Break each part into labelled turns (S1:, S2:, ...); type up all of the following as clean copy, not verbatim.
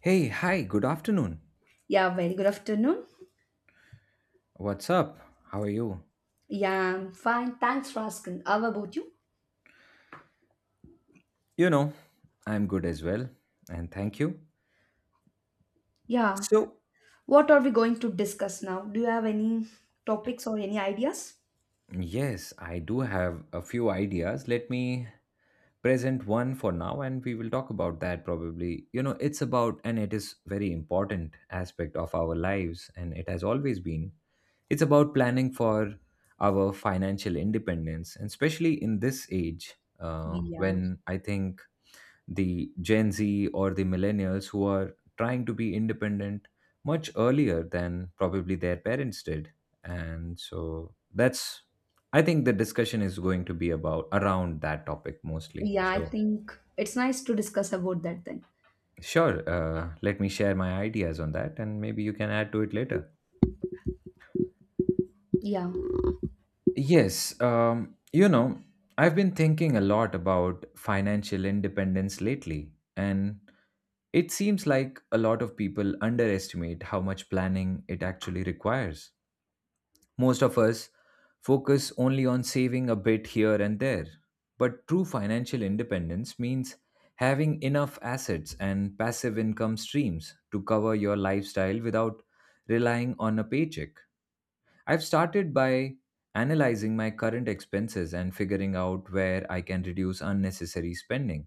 S1: Hey, hi, good afternoon.
S2: Yeah, very good afternoon.
S1: What's up? How are you?
S2: Yeah, I'm fine. Thanks for asking. How about you?
S1: You know, I'm good as well, and thank you.
S2: Yeah,
S1: So,
S2: what are we going to discuss now? Do you have any topics or any ideas?
S1: yes, I do have a few ideas. Let me present one for now and we will talk about that probably. It's about and it is very important aspect of our lives and it has always been. It's about planning for our financial independence, and especially in this age
S2: Yeah.
S1: when I think the Gen Z or the millennials who are trying to be independent much earlier than probably their parents did. And so that's, I think, the discussion is going to be about around that topic mostly.
S2: Yeah, I
S1: So,
S2: think it's nice to discuss about that then.
S1: sure, let me share my ideas on that and maybe you can add to it later.
S2: Yeah.
S1: Yes, I've been thinking a lot about financial independence lately, and it seems like a lot of people underestimate how much planning it actually requires. Most of us focus only on saving a bit here and there, but true financial independence means having enough assets and passive income streams to cover your lifestyle without relying on a paycheck. I've started by analyzing my current expenses and figuring out where I can reduce unnecessary spending.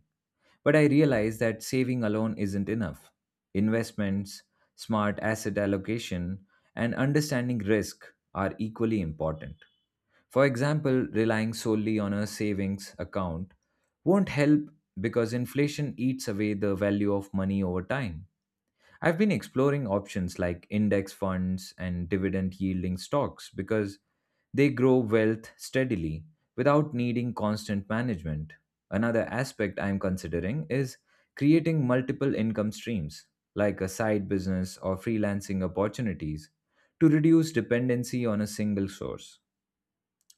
S1: But I realize that saving alone isn't enough. Investments, smart asset allocation, and understanding risk are equally important. For example, relying solely on a savings account won't help because inflation eats away the value of money over time. I've been exploring options like index funds and dividend yielding stocks because they grow wealth steadily without needing constant management. Another aspect I'm considering is creating multiple income streams, like a side business or freelancing opportunities, to reduce dependency on a single source.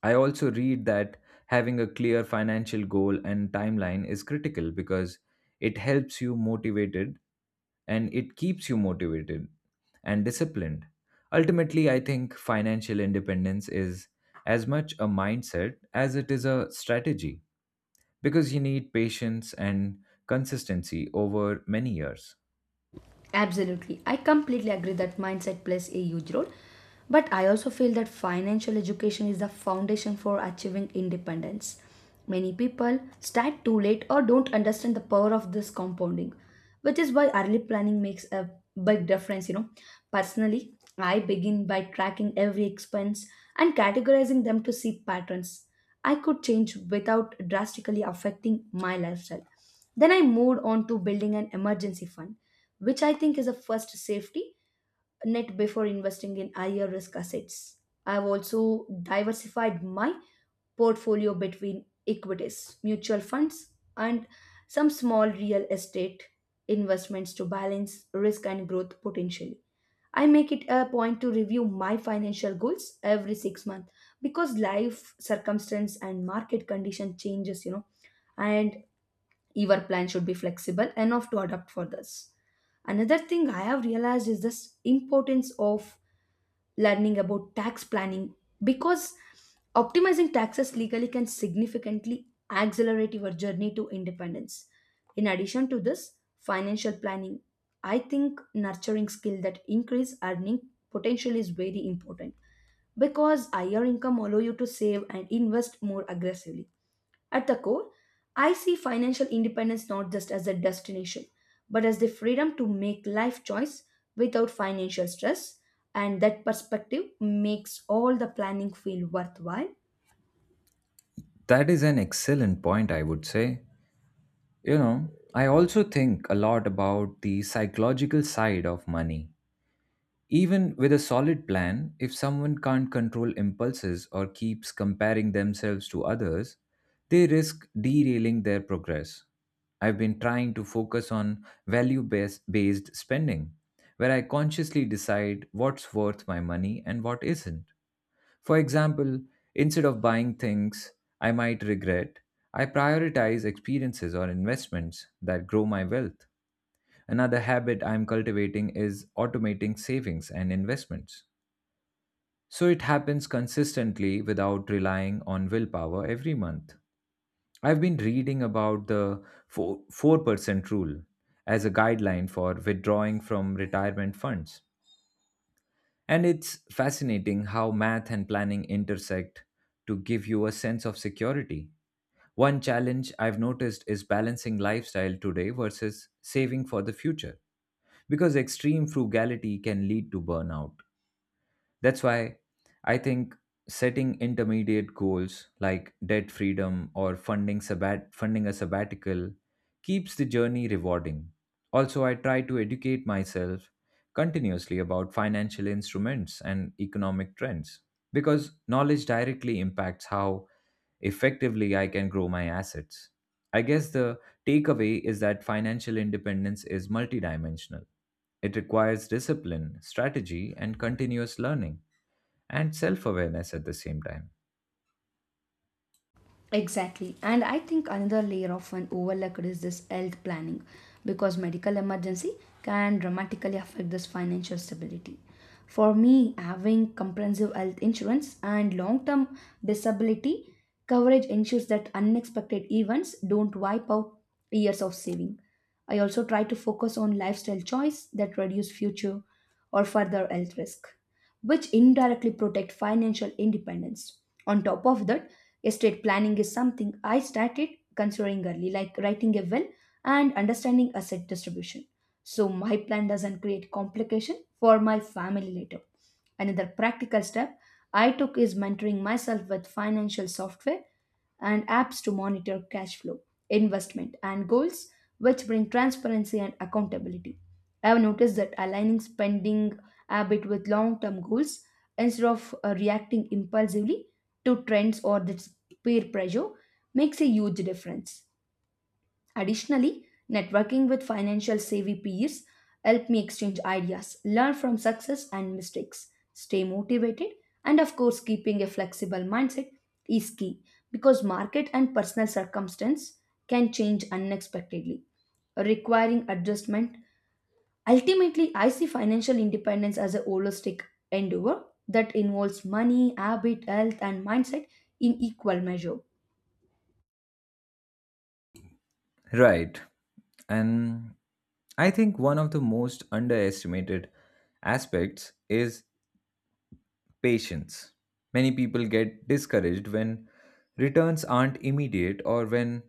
S1: I also read that having a clear financial goal and timeline is critical because it helps you motivated and it keeps you motivated and disciplined. Ultimately, I think financial independence is as much a mindset as it is a strategy because you need patience and consistency over many years.
S2: Absolutely. I completely agree that mindset plays a huge role. But I also feel that financial education is the foundation for achieving independence. Many people start too late or don't understand the power of this compounding, which is why early planning makes a big difference. Personally, I begin by tracking every expense and categorizing them to see patterns I could change without drastically affecting my lifestyle. Then I moved on to building an emergency fund which I think is a first safety net before investing in higher risk assets. I've also diversified my portfolio between equities, mutual funds, and some small real estate investments to balance risk and growth potentially. I make it a point to review my financial goals every 6 months because life circumstance and market condition changes, you know, and your plan should be flexible enough to adapt for this. Another thing I have realized is this importance of learning about tax planning because optimizing taxes legally can significantly accelerate your journey to independence. In addition to this, financial planning, I think nurturing skill that increase earning potential is very important because higher income allow you to save and invest more aggressively at the core, I see financial independence not just as a destination, but as the freedom to make life choice without financial stress, and that perspective makes all the planning feel worthwhile
S1: That is an excellent point, I would say. You know, I also think a lot about the psychological side of money. Even with a solid plan, if someone can't control impulses or keeps comparing themselves to others, they risk derailing their progress. I've been trying to focus on value based spending, where I consciously decide what's worth my money and what isn't. For example, instead of buying things I might regret, I prioritize experiences or investments that grow my wealth. Another habit I'm cultivating is automating savings and investments, so it happens consistently without relying on willpower every month. I've been reading about the 4, 4% rule as a guideline for withdrawing from retirement funds. And it's fascinating how math and planning intersect to give you a sense of security. One challenge I've noticed is balancing lifestyle today versus saving for the future, because extreme frugality can lead to burnout. That's why I think setting intermediate goals like debt freedom or funding a sabbatical keeps the journey rewarding. Also, I try to educate myself continuously about financial instruments and economic trends because knowledge directly impacts how effectively I can grow my assets. I guess the takeaway is that financial independence is multidimensional. It requires discipline, strategy, and continuous learning and self awareness at the same time.
S2: Exactly. And I think another layer often overlooked is this health planning because medical emergency can dramatically affect this financial stability. For me, having comprehensive health insurance and long-term disability coverage ensures that unexpected events don't wipe out years of saving. I also try to focus on lifestyle choice that reduce future or further health risk which indirectly protect financial independence. On top of that, estate planning is something I started considering early, like writing a will and understanding asset distribution. So my plan doesn't create complication for my family later. Another practical step I took is mentoring myself with financial software and apps to monitor cash flow, investment, and goals, which bring transparency and accountability. I have noticed that aligning spending habit with long term goals instead of reacting impulsively to trends or this peer pressure makes a huge difference. Additionally, networking with financial savvy peers help me exchange ideas, learn from success and mistakes, stay motivated, and of course, keeping a flexible mindset is key because market and personal circumstance can change unexpectedly, requiring adjustment. Ultimately, I see financial independence as a holistic endeavor that involves money, habit, health, and mindset in equal measure.
S1: Right. And I think one of the most underestimated aspects is patience. Many people get discouraged when returns aren't immediate or when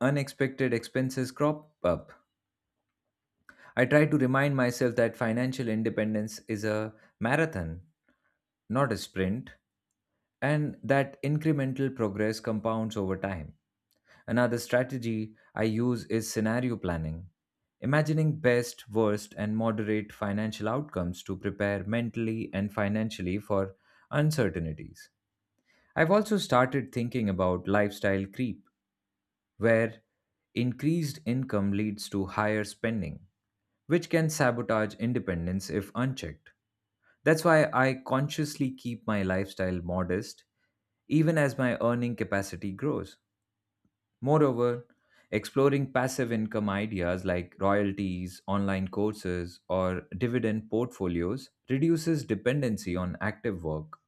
S1: unexpected expenses crop up. I try to remind myself that financial independence is a marathon, not a sprint, and that incremental progress compounds over time. Another strategy I use is scenario planning, imagining best, worst, and moderate financial outcomes to prepare mentally and financially for uncertainties. I've also started thinking about lifestyle creep, where increased income leads to higher spending, which can sabotage independence if unchecked. That's why I consciously keep my lifestyle modest even as my earning capacity grows. Moreover, exploring passive income ideas like royalties, online courses, or dividend portfolios reduces dependency on active work.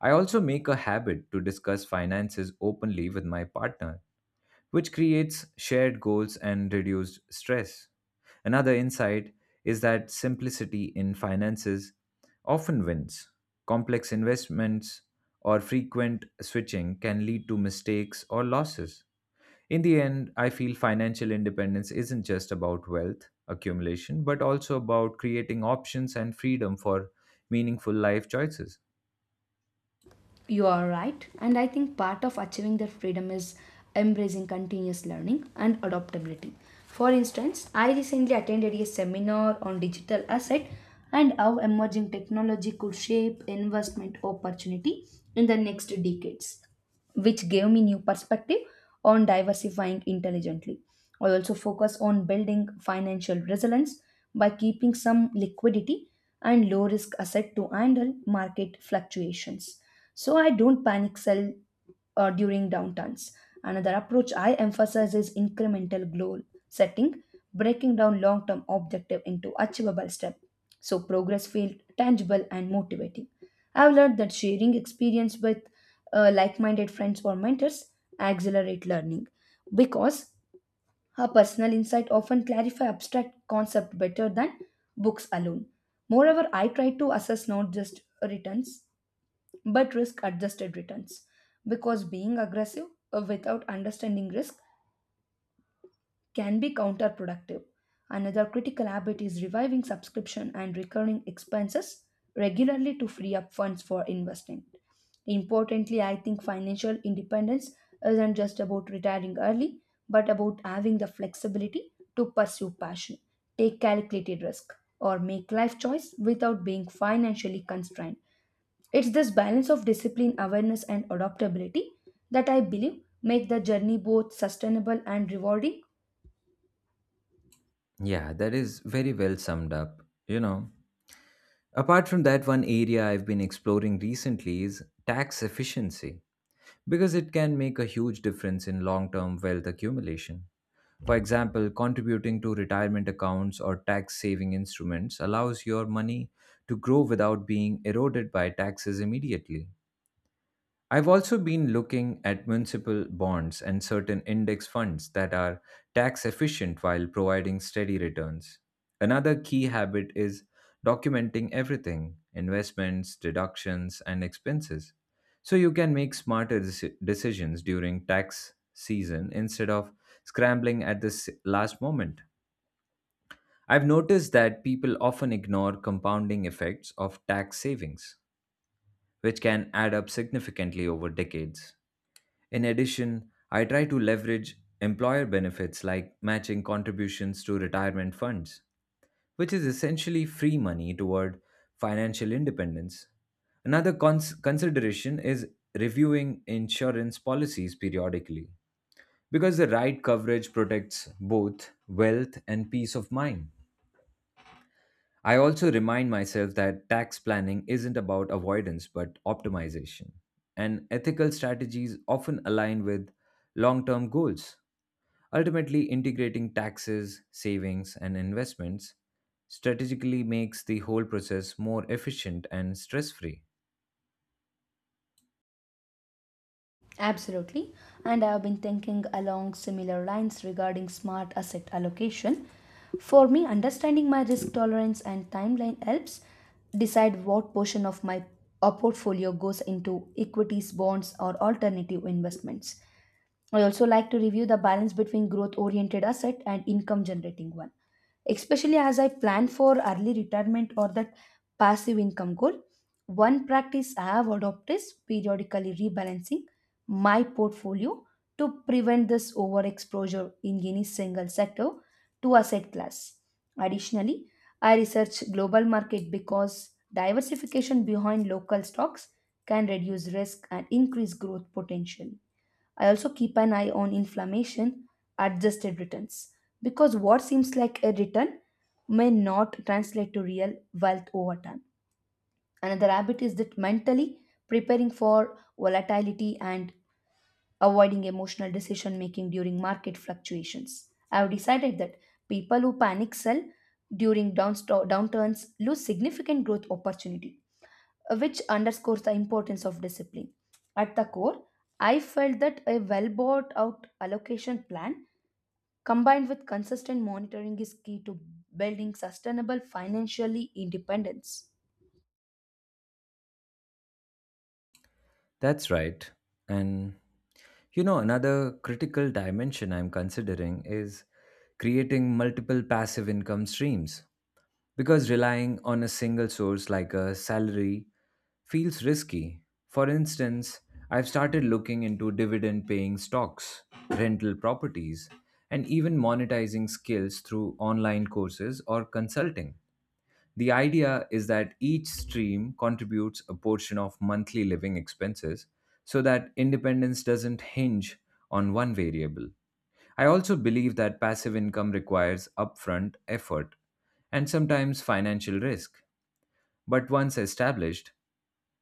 S1: I also make a habit to discuss finances openly with my partner, which creates shared goals and reduced stress. Another insight is that simplicity in finances often wins. Complex investments or frequent switching can lead to mistakes or losses. In the end, I feel financial independence isn't just about wealth accumulation, but also about creating options and freedom for meaningful life choices.
S2: You are right, and I think part of achieving that freedom is embracing continuous learning and adaptability. For instance, I recently attended a seminar on digital asset and how emerging technology could shape investment opportunity in the next decades, which gave me new perspective on diversifying intelligently. I also focus on building financial resilience by keeping some liquidity and low risk asset to handle market fluctuations. So I don't panic sell during downturns. Another approach I emphasize is incremental goal setting, breaking down long term objective into achievable steps so progress feels tangible and motivating. I've learned that sharing experience with like minded friends or mentors accelerate learning because her personal insight often clarify abstract concept better than books alone. Moreover, I try to assess not just returns but risk adjusted returns because being aggressive without understanding risk can be counterproductive. Another critical habit is reviving subscription and recurring expenses regularly to free up funds for investing. Importantly, I think financial independence isn't just about retiring early, but about having the flexibility to pursue passion, take calculated risk, or make life choice without being financially constrained. It's this balance of discipline, awareness, and adaptability that I believe make the journey both sustainable and rewarding.
S1: Yeah, that is very well summed up. You know, apart from that, one area I've been exploring recently is tax efficiency because it can make a huge difference in long term wealth accumulation. For example, contributing to retirement accounts or tax saving instruments allows your money to grow without being eroded by taxes immediately. I've also been looking at municipal bonds and certain index funds that are tax efficient while providing steady returns. Another key habit is documenting everything: investments, deductions, and expenses, so you can make smarter decisions during tax season instead of scrambling at the last moment. I've noticed that people often ignore compounding effects of tax savings, which can add up significantly over decades. In addition, I try to leverage employer benefits like matching contributions to retirement funds, which is essentially free money toward financial independence. Another consideration is reviewing insurance policies periodically because the right coverage protects both wealth and peace of mind. I also remind myself that tax planning isn't about avoidance but optimization, and ethical strategies often align with long term goals. Ultimately, integrating taxes, savings, and investments strategically makes the whole process more efficient and stress free.
S2: Absolutely. And I've been thinking along similar lines regarding smart asset allocation. For me, understanding my risk tolerance and timeline helps decide what portion of my portfolio goes into equities, bonds, or alternative investments. I also like to review the balance between growth oriented asset and income generating one especially as I plan for early retirement or that passive income goal. One practice I have adopted is periodically rebalancing my portfolio to prevent this overexposure in any single sector to asset class. Additionally, I research global market because diversification behind local stocks can reduce risk and increase growth potential. I also keep an eye on inflammation adjusted returns because what seems like a return may not translate to real wealth over time. Another habit is that mentally preparing for volatility and avoiding emotional decision making during market fluctuations. I have decided that people who panic sell during downturns lose significant growth opportunity which underscores the importance of discipline. At the core, I felt that a well bought out allocation plan combined with consistent monitoring is key to building sustainable financially independence.
S1: That's right. And another critical dimension I'm considering is creating multiple passive income streams, because relying on a single source like a salary feels risky. For instance, I've started looking into dividend paying stocks, rental properties, and even monetizing skills through online courses or consulting. The idea is that each stream contributes a portion of monthly living expenses so that independence doesn't hinge on one variable. I also believe that passive income requires upfront effort and sometimes financial risk, but once established,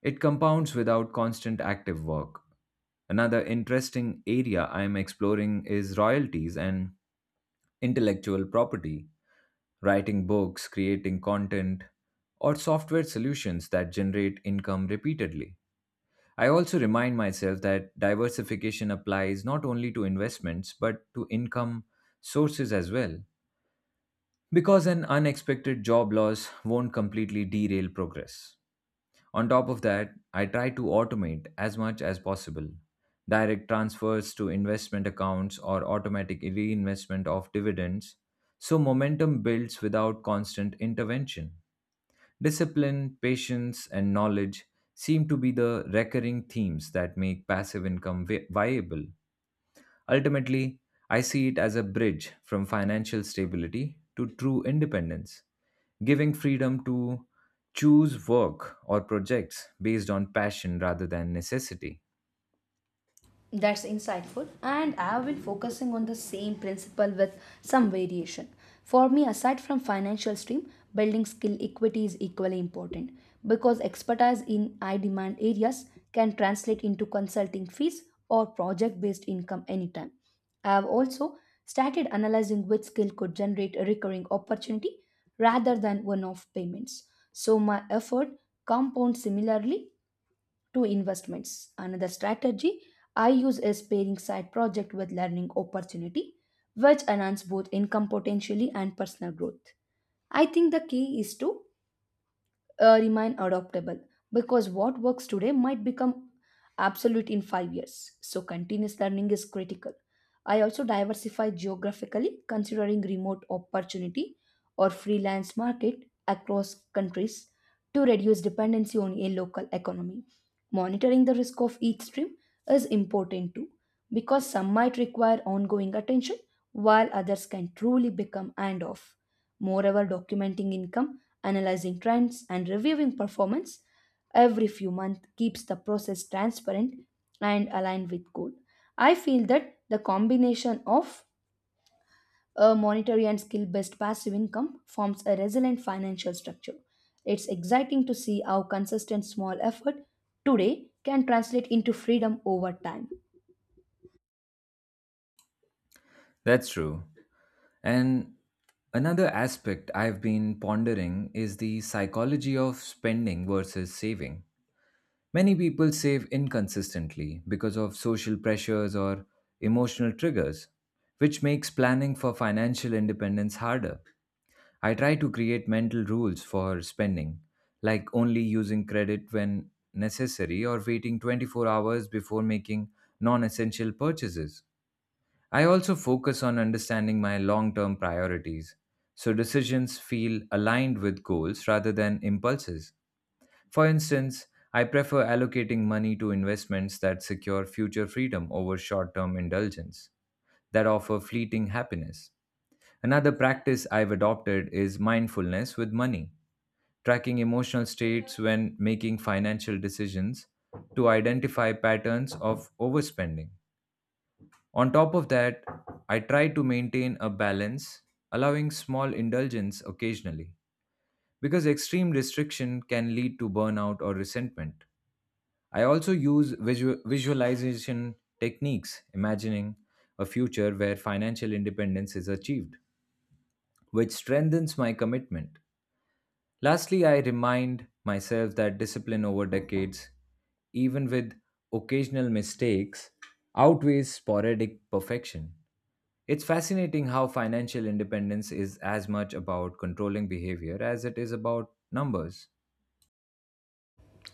S1: it compounds without constant active work. Another interesting area I am exploring is royalties and intellectual property, writing books, creating content, or software solutions that generate income repeatedly. I also remind myself that diversification applies not only to investments but to income sources as well, because an unexpected job loss won't completely derail progress. On top of that, I try to automate as much as possible: direct transfers to investment accounts or automatic reinvestment of dividends, so momentum builds without constant intervention. Discipline, patience, and knowledge seem to be the recurring themes that make passive income viable. Ultimately, I see it as a bridge from financial stability to true independence, giving freedom to choose work or projects based on passion rather than necessity.
S2: That's insightful, and I've been focusing on the same principle with some variation. For me, aside from financial stream, building skill equity is equally important because expertise in high demand areas can translate into consulting fees or project based income anytime. I've also started analyzing which skill could generate a recurring opportunity rather than one off payments. So, my effort compounds similarly to investments. Another strategy I use is pairing side project with learning opportunity, which enhance both income potentially and personal growth. I think the key is to remain adaptable because what works today might become absolute in 5 years. So, continuous learning is critical. I also diversify geographically, considering remote opportunity or freelance market across countries to reduce dependency on a local economy. Monitoring the risk of each stream is important too, because some might require ongoing attention while others can truly become and off. Moreover, documenting income analyzing trends, and reviewing performance every few months keeps the process transparent and aligned with goal. I feel that the combination of a monetary and skill based passive income forms a resilient financial structure. It's exciting to see how consistent small effort today can translate into freedom over time.
S1: That's true. And another aspect I've been pondering is the psychology of spending versus saving. Many people save inconsistently because of social pressures or emotional triggers, which makes planning for financial independence harder. I try to create mental rules for spending, like only using credit when necessary or waiting 24 hours before making non essential purchases. I also focus on understanding my long term priorities, so decisions feel aligned with goals rather than impulses. For instance, I prefer allocating money to investments that secure future freedom over short term indulgence that offer fleeting happiness. Another practice I've adopted is mindfulness with money, tracking emotional states when making financial decisions to identify patterns of overspending. On top of that, I try to maintain a balance, allowing small indulgence occasionally, because extreme restriction can lead to burnout or resentment. I also use visualization techniques, imagining a future where financial independence is achieved, which strengthens my commitment. Lastly, I remind myself that discipline over decades, even with occasional mistakes, outweighs sporadic perfection. It's fascinating how financial independence is as much about controlling behavior as it is about numbers.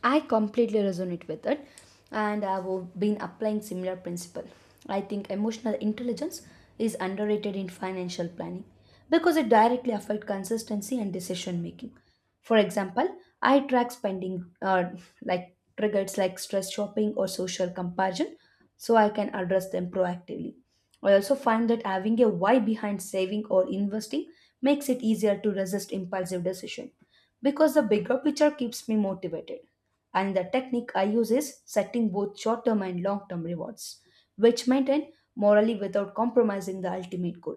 S2: I completely resonate with it, and I've been applying similar principle. I think emotional intelligence is underrated in financial planning because it directly affects consistency and decision making. For example, I track spending like triggers like stress shopping or social comparison, so I can address them proactively. I also find that having a why behind saving or investing makes it easier to resist impulsive decision because the bigger picture keeps me motivated. And the technique I use is setting both short term and long term rewards, which maintain morally without compromising the ultimate goal.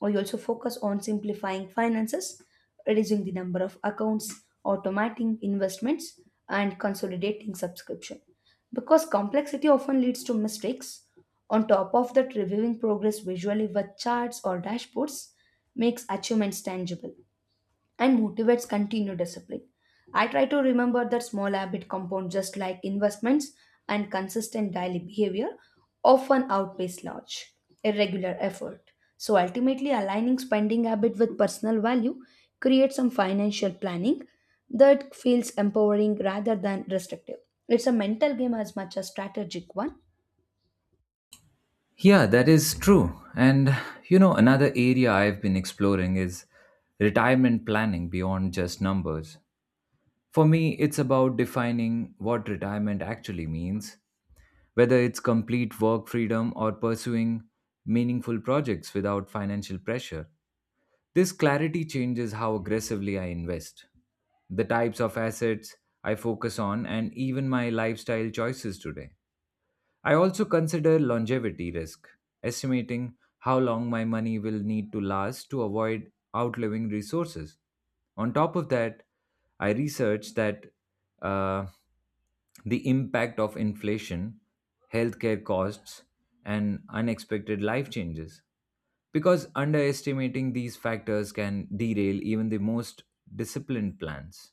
S2: We also focus on simplifying finances, reducing the number of accounts, automating investments, and consolidating subscription. Because complexity often leads to mistakes, on top of that, reviewing progress visually with charts or dashboards makes achievements tangible and motivates continued discipline. I try to remember that small habit compound just like investments and consistent daily behavior often outpace large, irregular effort. So ultimately, aligning spending habit with personal value creates some financial planning that feels empowering rather than restrictive. It's a mental game as much as strategic one.
S1: Yeah, that is true. And another area I've been exploring is retirement planning beyond just numbers. For me, it's about defining what retirement actually means. Whether it's complete work freedom or pursuing meaningful projects without financial pressure, this clarity changes how aggressively I invest, the types of assets I focus on, and even my lifestyle choices today. I also consider longevity risk, estimating how long my money will need to last to avoid outliving resources. On top of that, I researched that uh, the impact of inflation, healthcare costs, and unexpected life changes, because underestimating these factors can derail even the most disciplined plans.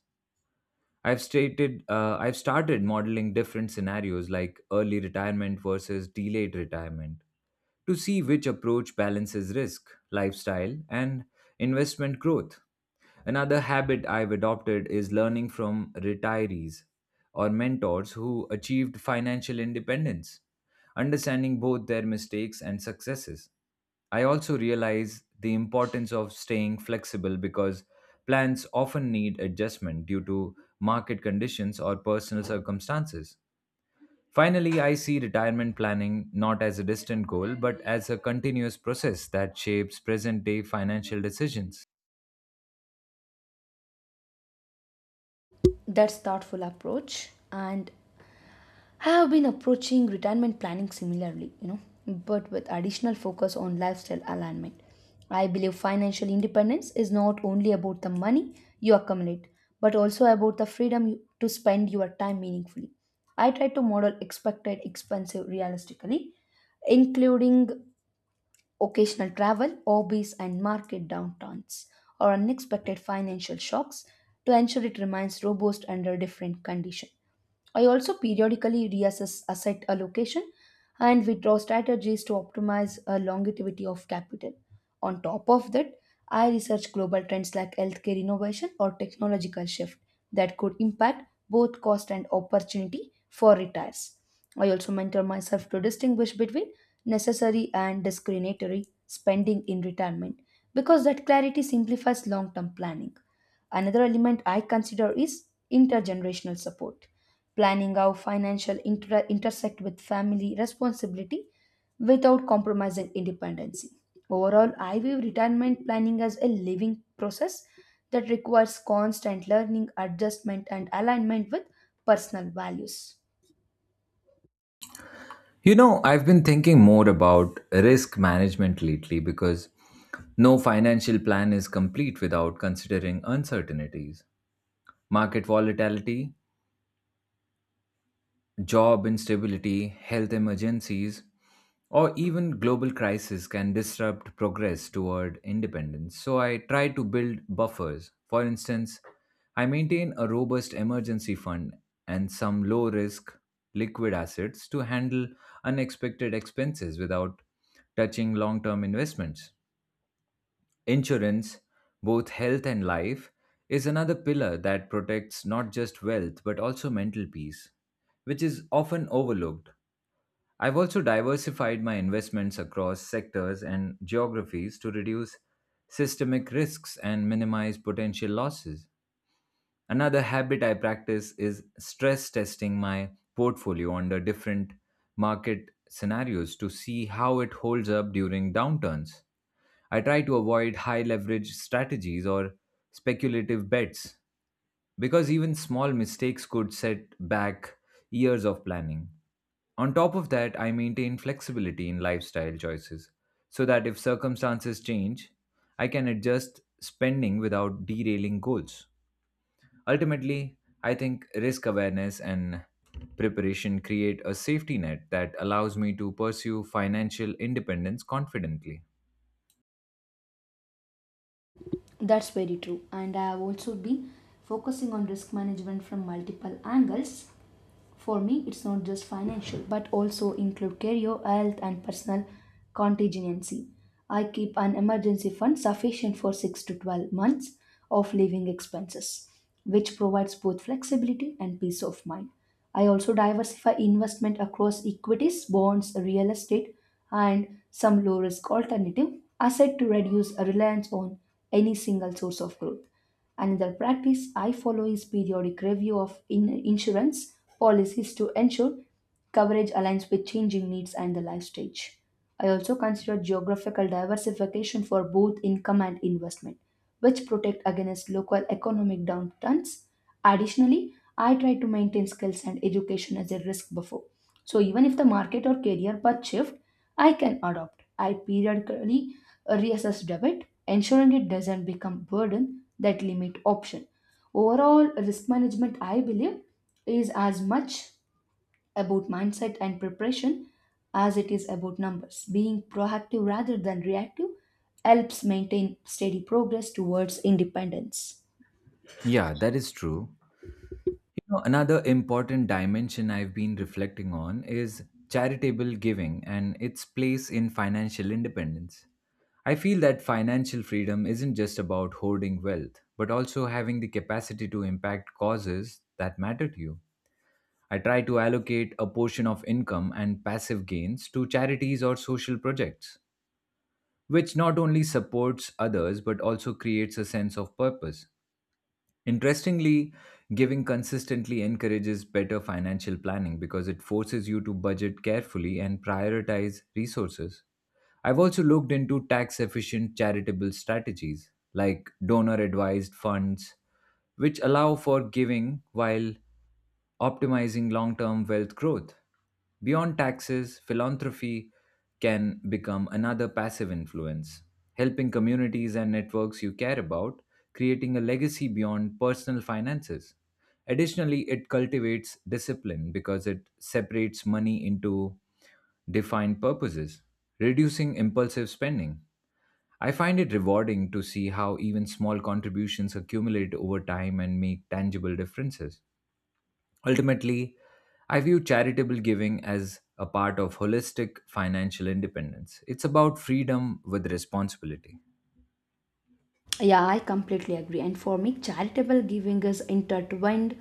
S1: I've started modeling different scenarios like early retirement versus delayed retirement to see which approach balances risk, lifestyle, and investment growth. Another habit I've adopted is learning from retirees or mentors who achieved financial independence, understanding both their mistakes and successes. I also realize the importance of staying flexible because plans often need adjustment due to market conditions or personal circumstances. Finally, I see retirement planning not as a distant goal but as a continuous process that shapes present day financial decisions.
S2: That's thoughtful approach and I have been approaching retirement planning similarly, you know, but with additional focus on lifestyle alignment. I believe financial independence is not only about the money you accumulate, but also about the freedom you, to spend your time meaningfully. I try to model expected expenses realistically, including Occasional travel, hobbies, and market downturns, or unexpected financial shocks to ensure it remains robust under different conditions. I also periodically reassess asset allocation and withdraw strategies to optimize a longevity of capital. On top of that, I research global trends like healthcare innovation or technological shift that could impact both cost and opportunity for retirees. I also mentor myself to distinguish between necessary and discriminatory spending in retirement because that clarity simplifies long term planning. Another element I consider is intergenerational support, planning how financial inter- intersect with family responsibility without compromising independence. Overall, I view retirement planning as a living process that requires constant learning, adjustment, and alignment with personal values.
S1: I've been thinking more about risk management lately because no financial plan is complete without considering uncertainties. Market volatility, job instability, health emergencies, or even global crisis can disrupt progress toward independence. So I try to build buffers. For instance, I maintain a robust emergency fund and some low risk liquid assets to handle unexpected expenses without touching long term investments. Insurance, both health and life, is another pillar that protects not just wealth but also mental peace, which is often overlooked. I've also diversified my investments across sectors and geographies to reduce systemic risks and minimize potential losses. Another habit I practice is stress testing my portfolio under different market scenarios to see how it holds up during downturns. I try to avoid high leverage strategies or speculative bets because even small mistakes could set back years of planning. On top of that, I maintain flexibility in lifestyle choices so that if circumstances change, I can adjust spending without derailing goals. Ultimately, I think risk awareness and preparation create a safety net that allows me to pursue financial independence confidently.
S2: That's very true. And I have also been focusing on risk management from multiple angles. For me, it's not just financial, but also include career, health, and personal contingency. I keep an emergency fund sufficient for 6 to 12 months of living expenses, which provides both flexibility and peace of mind. I also diversify investment across equities, bonds, real estate, and some low risk alternative asset to reduce reliance on any single source of growth. Another practice I follow is periodic review of insurance policies to ensure coverage aligns with changing needs and the life stage. I also consider geographical diversification for both income and investment, which protect against local economic downturns. Additionally, I try to maintain skills and education as a risk buffer. So even if the market or career path shift, I can adopt. I periodically reassess debt ensuring it doesn't become burden that limit option. Overall, risk management, I believe, is as much about mindset and preparation as it is about numbers. Being proactive rather than reactive helps maintain steady progress towards independence.
S1: Yeah, that is true. Another important dimension I've been reflecting on is charitable giving and its place in financial independence. I feel that financial freedom isn't just about hoarding wealth, but also having the capacity to impact causes that matter to you. I try to allocate a portion of income and passive gains to charities or social projects, which not only supports others but also creates a sense of purpose. Interestingly, giving consistently encourages better financial planning because it forces you to budget carefully and prioritize resources. I've also looked into tax efficient charitable strategies like donor advised funds, which allow for giving while optimizing long term wealth growth. Beyond taxes, philanthropy can become another passive influence, helping communities and networks you care about, creating a legacy beyond personal finances. Additionally, it cultivates discipline because it separates money into defined purposes, reducing impulsive spending. I find it rewarding to see how even small contributions accumulate over time and make tangible differences. Ultimately, I view charitable giving as a part of holistic financial independence. It's about freedom with responsibility.
S2: Yeah, I completely agree. And for me, charitable giving is intertwined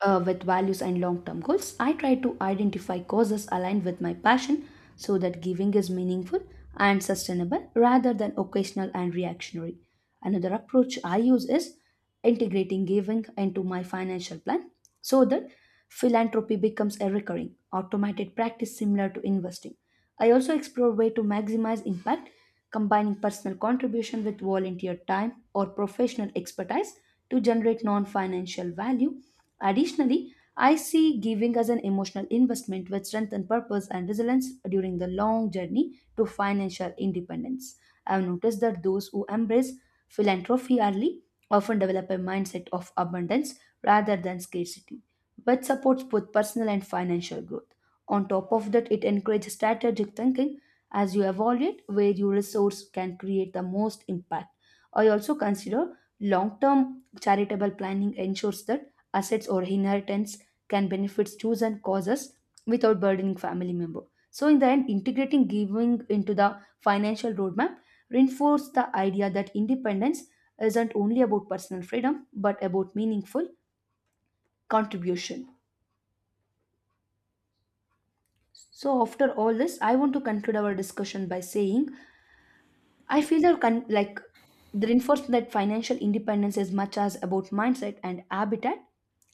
S2: with values and long term goals. I try to identify causes aligned with my passion so that giving is meaningful and sustainable rather than occasional and reactionary. Another approach I use is integrating giving into my financial plan so that philanthropy becomes a recurring, automated practice similar to investing. I also explore ways to maximize impact combining personal contribution with volunteer time or professional expertise to generate non financial value. Additionally, I see giving as an emotional investment with strength and purpose and resilience during the long journey to financial independence. I've noticed that those who embrace philanthropy early often develop a mindset of abundance rather than scarcity, which supports both personal and financial growth. On top of that, it encourages strategic thinking as you evaluate where your resource can create the most impact. I also consider long term charitable planning ensures that assets or inheritance can benefit chosen causes without burdening family member. So in the end, integrating giving into the financial roadmap reinforced the idea that independence isn't only about personal freedom but about meaningful contribution. So after all this, I want to conclude our discussion by saying I feel that like the reinforcement that financial independence is much as about mindset and habitat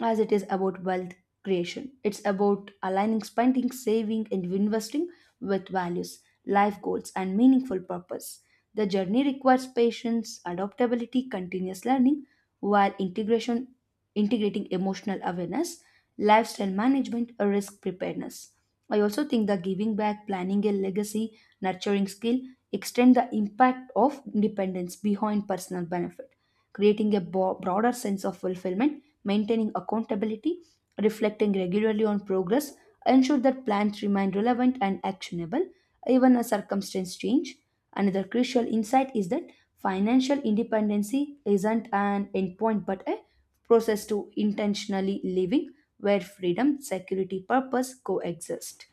S2: as it is about wealth creation. It's about aligning spending, saving, and investing with values, life goals, and meaningful purpose. The journey requires patience, adaptability, continuous learning, while integration integrating emotional awareness, lifestyle management, or risk preparedness. I also think that giving back, planning a legacy, nurturing skill, extend the impact of dependence behind personal benefit, creating a broader sense of fulfillment, maintaining accountability, reflecting regularly on progress, ensure that plans remain relevant and actionable even as circumstances change. Another crucial insight is that financial independency isn't an endpoint but a process to intentionally living where freedom, security, purpose coexist.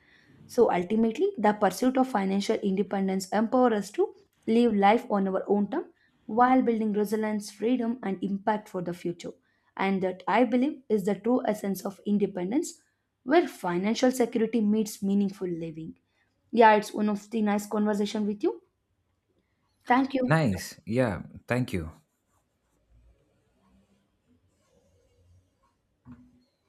S2: So ultimately, the pursuit of financial independence empowers us to live life on our own terms while building resilience, freedom, and impact for the future. And that I believe is the true essence of independence, where financial security meets meaningful living. Yeah, it's one of the nice conversation with you. Thank you.
S1: Nice. Yeah. Thank you.